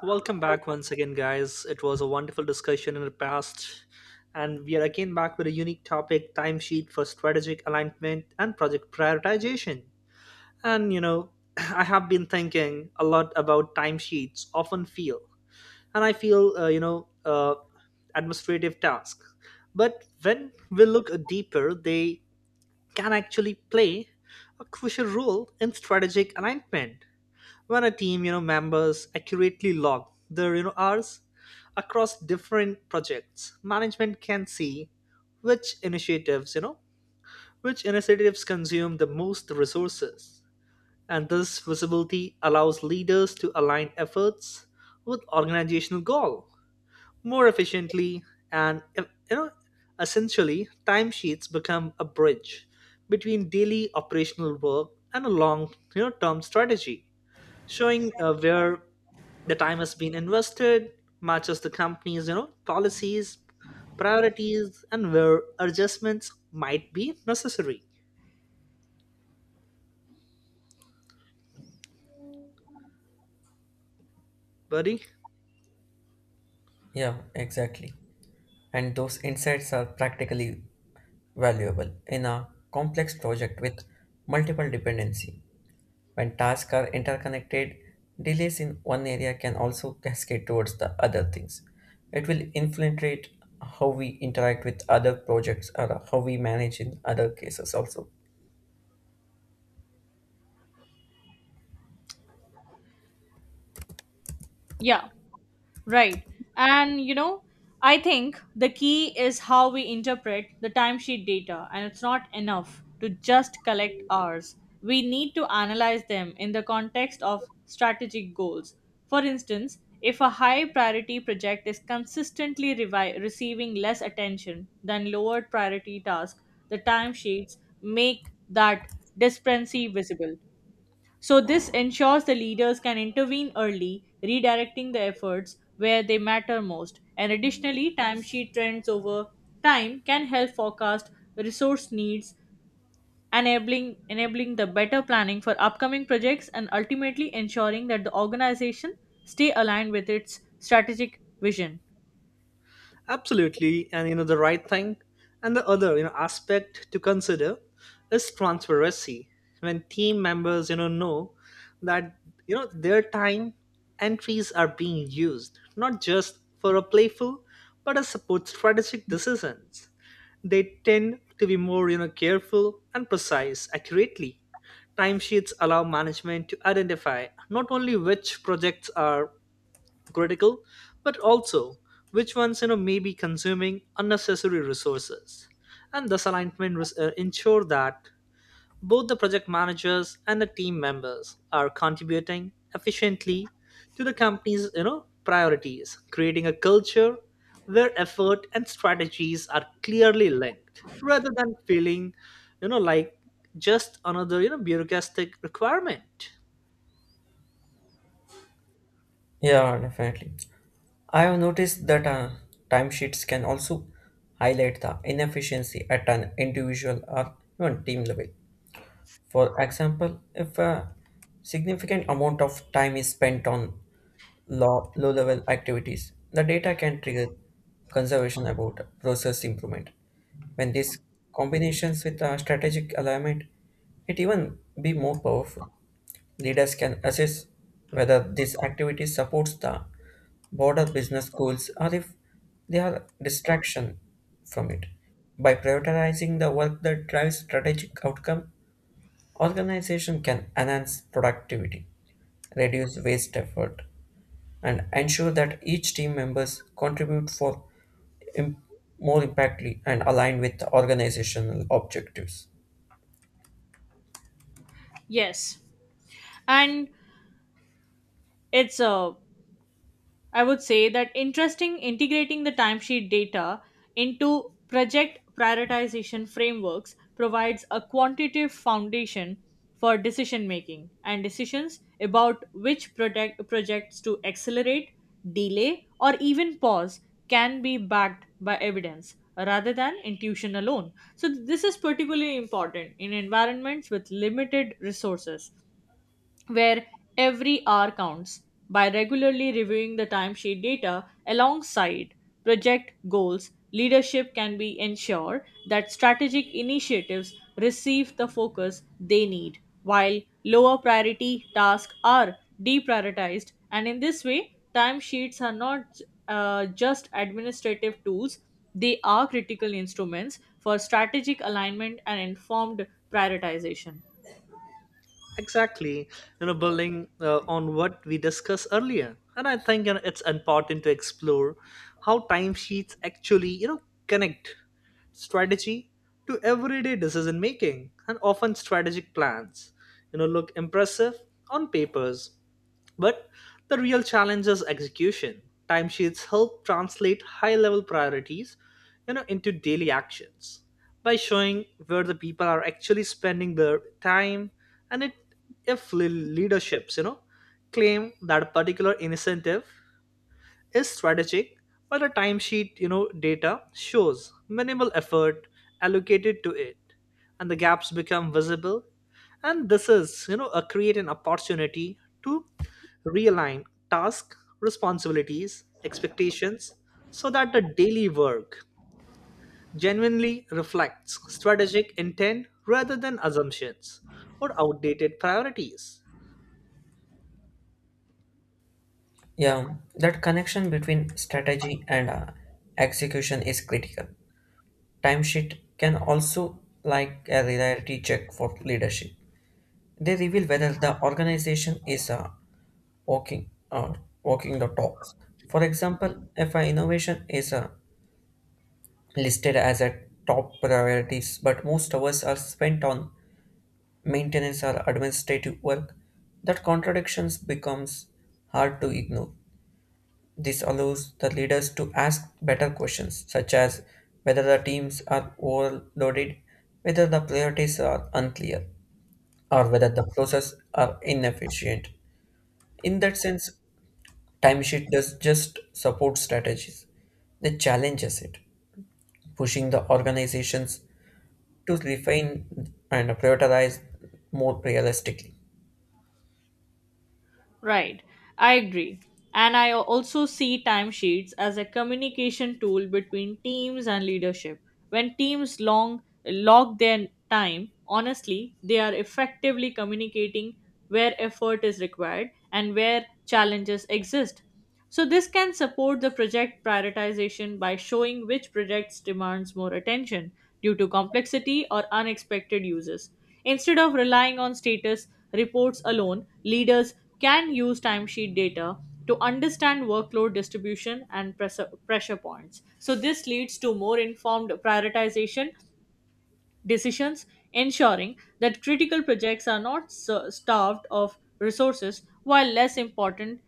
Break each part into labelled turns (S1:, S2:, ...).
S1: Welcome back once again, guys. It was a wonderful discussion in the past, and we are again back with a unique topic timesheet for strategic alignment and project prioritization. And you know, I have been thinking a lot about timesheets, often feel, and I feel, administrative tasks. But when we look deeper, they can actually play a crucial role in strategic alignment when a team members accurately log their hours across different projects management can see which initiatives which initiatives consume the most resources, and this visibility allows leaders to align efforts with organizational goal more efficiently. And you know essentially, timesheets become a bridge between daily operational work and a long term strategy, showing where the time has been invested matches the company's policies, priorities, and where adjustments might be necessary, buddy.
S2: Yeah, exactly. And those insights are practically valuable in a complex project with multiple dependency. When tasks are interconnected, delays in one area can also cascade towards the other things. It will infiltrate how we interact with other projects or how we manage in other cases also.
S3: Yeah, right. And you know, I think the key is how we interpret the timesheet data, and it's not enough to just collect hours. We need to analyze them in the context of strategic goals. For instance, if a high priority project is consistently receiving less attention than lower priority tasks, the timesheets make that disparity visible. So, this ensures the leaders can intervene early, redirecting the efforts where they matter most. And additionally, timesheet trends over time can help forecast resource needs, enabling the better planning for upcoming projects and ultimately ensuring that the organization stay aligned with its strategic vision.
S1: Absolutely, and you know the right thing, and the other aspect to consider is transparency. When team members know that, their time entries are being used not just for a playful but a support strategic decisions. They tend to be more, careful and precise accurately. Timesheets allow management to identify not only which projects are critical, but also which ones, may be consuming unnecessary resources. And this alignment ensure that both the project managers and the team members are contributing efficiently to the company's priorities, creating a culture where effort and strategies are clearly linked rather than feeling, like, just another, bureaucratic requirement.
S2: Yeah, definitely. I have noticed that timesheets can also highlight the inefficiency at an individual or even team level. For example, if a significant amount of time is spent on low level activities, the data can trigger conservation about process improvement. When this combinations with a strategic alignment, it even be more powerful. Leaders can assess whether this activity supports the broader business goals or if they are distraction from it. By prioritizing the work that drives strategic outcome, organization can enhance productivity, reduce waste effort, and ensure that each team members contribute for im- more impactly and align with organizational objectives.
S3: Yes. And it's a I would say that interesting integrating the timesheet data into project prioritization frameworks provides a quantitative foundation for decision making and decisions about which projects to accelerate, delay, or even pause can be backed by evidence rather than intuition alone. So, this is particularly important in environments with limited resources where every hour counts by regularly reviewing the timesheet data alongside project goals leadership can be ensured that strategic initiatives receive the focus they need while lower priority tasks are deprioritized, and in this way timesheets are not just administrative tools, they are critical instruments for strategic alignment and informed prioritization.
S1: Exactly, building on what we discussed earlier, and I think, it's important to explore how timesheets actually, connect strategy to everyday decision making. And often strategic plans, look impressive on papers, but the real challenge is execution. Timesheets help translate high level priorities, into daily actions by showing where the people are actually spending their time. And it, if leaderships, claim that a particular initiative is strategic, while the timesheet, data shows minimal effort allocated to it, and the gaps become visible. And this is, a create an opportunity to realign task, responsibilities, expectations, so that the daily work genuinely reflects strategic intent rather than assumptions or outdated priorities.
S2: Yeah, that connection between strategy and execution is critical. Timesheet can also like a reality check for leadership. They reveal whether the organization is walking walking the talks. For example, if an innovation is listed as a top priorities, but most hours are spent on maintenance or administrative work, that contradictions becomes hard to ignore. This allows the leaders to ask better questions, such as whether the teams are overloaded, whether the priorities are unclear, or whether the process are inefficient. In that sense, timesheet does just support strategies. They challenges it, pushing the organizations to refine and prioritize more realistically.
S3: Right, I agree. And I also see timesheets as a communication tool between teams and leadership. When teams long log their time, honestly, they are effectively communicating where effort is required, and where challenges exist. So, this can support the project prioritization by showing which projects demands more attention due to complexity or unexpected uses. Instead of relying on status reports alone, leaders can use timesheet data to understand workload distribution and pressure points. So, this leads to more informed prioritization decisions, ensuring that critical projects are not starved of resources while less important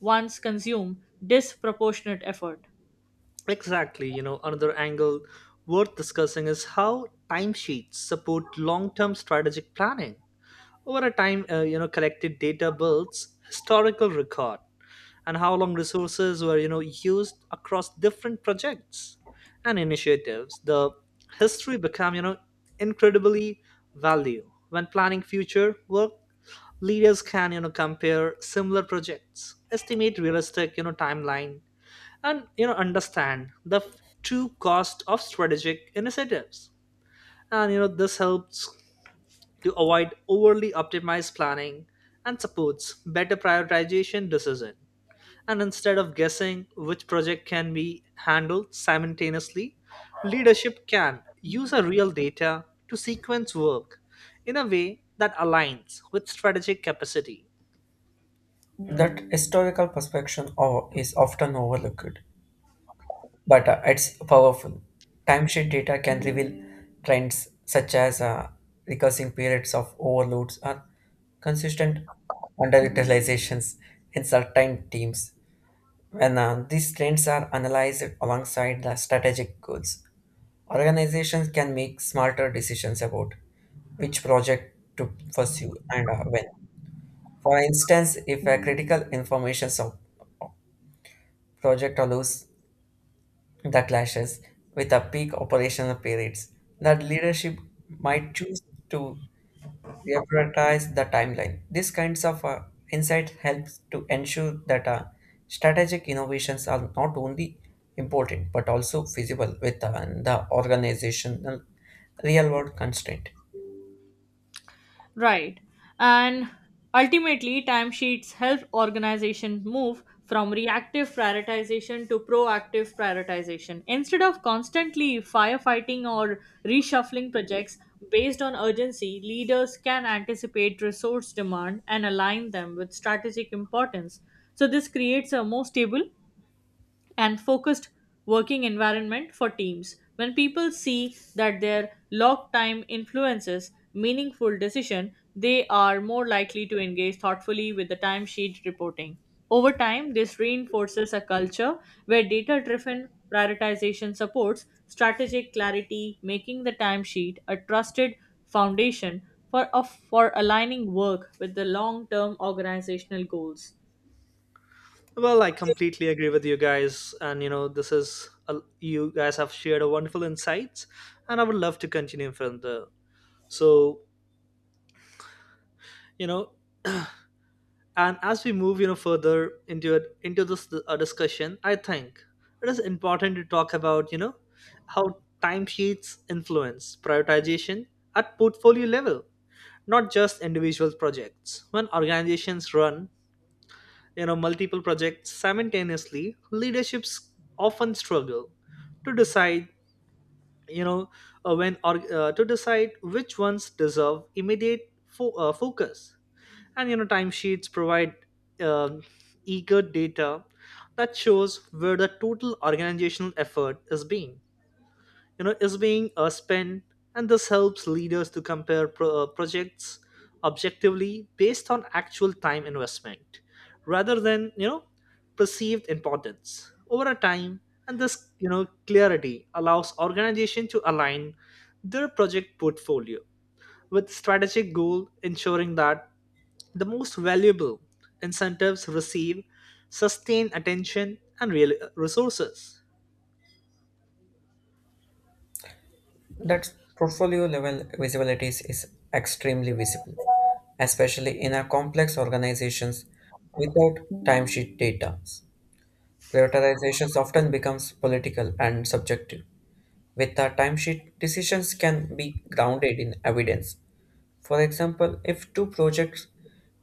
S3: ones consume disproportionate effort.
S1: Exactly, another angle worth discussing is how timesheets support long-term strategic planning. Over a time, collected data builds historical record and how long resources were, used across different projects and initiatives. The history become, incredibly valuable when planning future work. Leaders can compare similar projects, estimate realistic timeline, and understand the true cost of strategic initiatives. And you know this helps to avoid overly optimized planning and supports better prioritization decision. And instead of guessing which project can be handled simultaneously, leadership can use a real data to sequence work in a way that aligns with strategic capacity.
S2: That historical perspective is often overlooked, but it's powerful. Timesheet data can reveal trends such as recurring periods of overloads or consistent underutilizations in certain teams when these trends are analyzed alongside the strategic goals. Organizations can make smarter decisions about which project to pursue and when. For instance, if a critical information sub project allows the clashes with a peak operational periods, that leadership might choose to prioritize the timeline. These kinds of insight helps to ensure that strategic innovations are not only important but also feasible within the organizational real-world constraint.
S3: Right. And ultimately, timesheets help organization move from reactive prioritization to proactive prioritization. Instead of constantly firefighting or reshuffling projects based on urgency, leaders can anticipate resource demand and align them with strategic importance. So, this creates a more stable and focused working environment for teams. When people see that their log time influences meaningful decision, they are more likely to engage thoughtfully with the timesheet reporting. Over time, this reinforces a culture where data driven prioritization supports strategic clarity, making the timesheet a trusted foundation for aligning work with the long term organizational goals.
S1: Well, I completely agree with you guys, and this is a, you guys have shared a wonderful insights, and I would love to continue further. So, you know, and as we move, further into it, into this discussion, I think it is important to talk about, how timesheets influence prioritization at portfolio level, not just individual projects. When organizations run multiple projects simultaneously, leaderships often struggle to decide, you know when or to decide which ones deserve immediate focus. And you know timesheets provide, um, eager data that shows where the total organizational effort is being, spent, and this helps leaders to compare projects objectively based on actual time investment rather than, perceived importance over a time. And this you know clarity allows organization to align their project portfolio with strategic goal, ensuring that the most valuable incentives receive sustained attention and real, resources.
S2: That portfolio level visibility is extremely visible, especially in our complex organizations without timesheet data. Prioritization often becomes political and subjective. With a timesheet, decisions can be grounded in evidence. For example, if two projects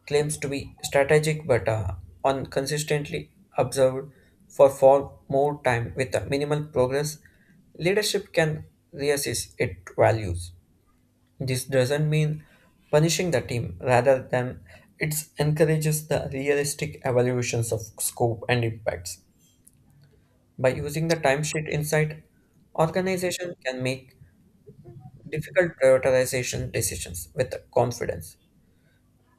S2: claims to be strategic but are inconsistently observed for far more time with minimal progress, leadership can reassess its values. This doesn't mean punishing the team, rather than it encourages the realistic evaluations of scope and impacts. By using the timesheet insight, organization can make difficult prioritization decisions with confidence,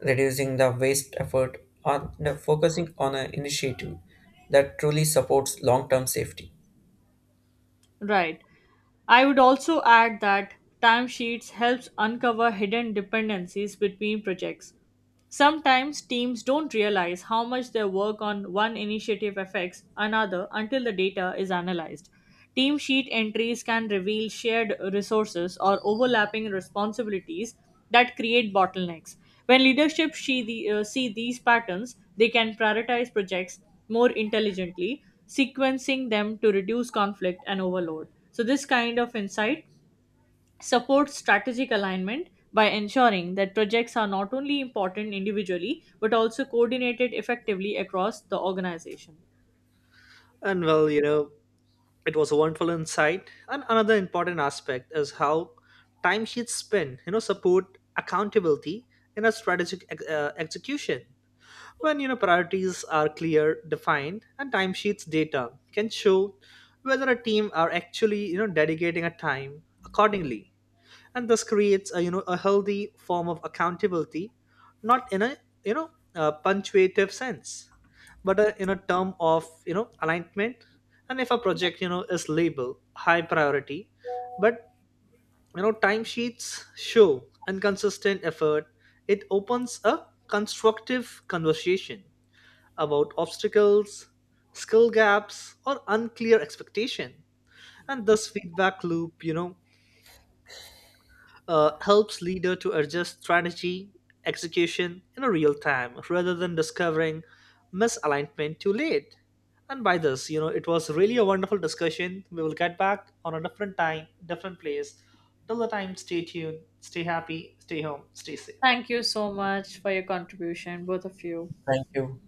S2: reducing the waste effort on the focusing on an initiative that truly supports long-term safety.
S3: Right. I would also add that timesheets helps uncover hidden dependencies between projects. Sometimes teams don't realize how much their work on one initiative affects another until the data is analyzed. Team sheet entries can reveal shared resources or overlapping responsibilities that create bottlenecks. When leadership see these patterns, they can prioritize projects more intelligently sequencing them to reduce conflict and overload. So, this kind of insight supports strategic alignment by ensuring that projects are not only important individually but also coordinated effectively across the organization.
S1: And well, it was a wonderful insight, and another important aspect is how timesheets spend, support accountability in a strategic execution. When, priorities are clear defined, and timesheets data can show whether a team are actually, dedicating a time accordingly. And this creates a, a healthy form of accountability, not in a, you know a punctuative sense, but a, in a term of, alignment. And if a project, is labeled high priority, but, timesheets show inconsistent effort, it opens a constructive conversation about obstacles, skill gaps, or unclear expectation. And this feedback loop, helps leader to adjust strategy execution in a real time rather than discovering misalignment too late. And by this, it was really a wonderful discussion. We will get back on a different time, different place. Till the time, stay tuned, stay happy, stay home, stay safe.
S3: Thank you so much for your contribution, both of you.
S2: Thank you.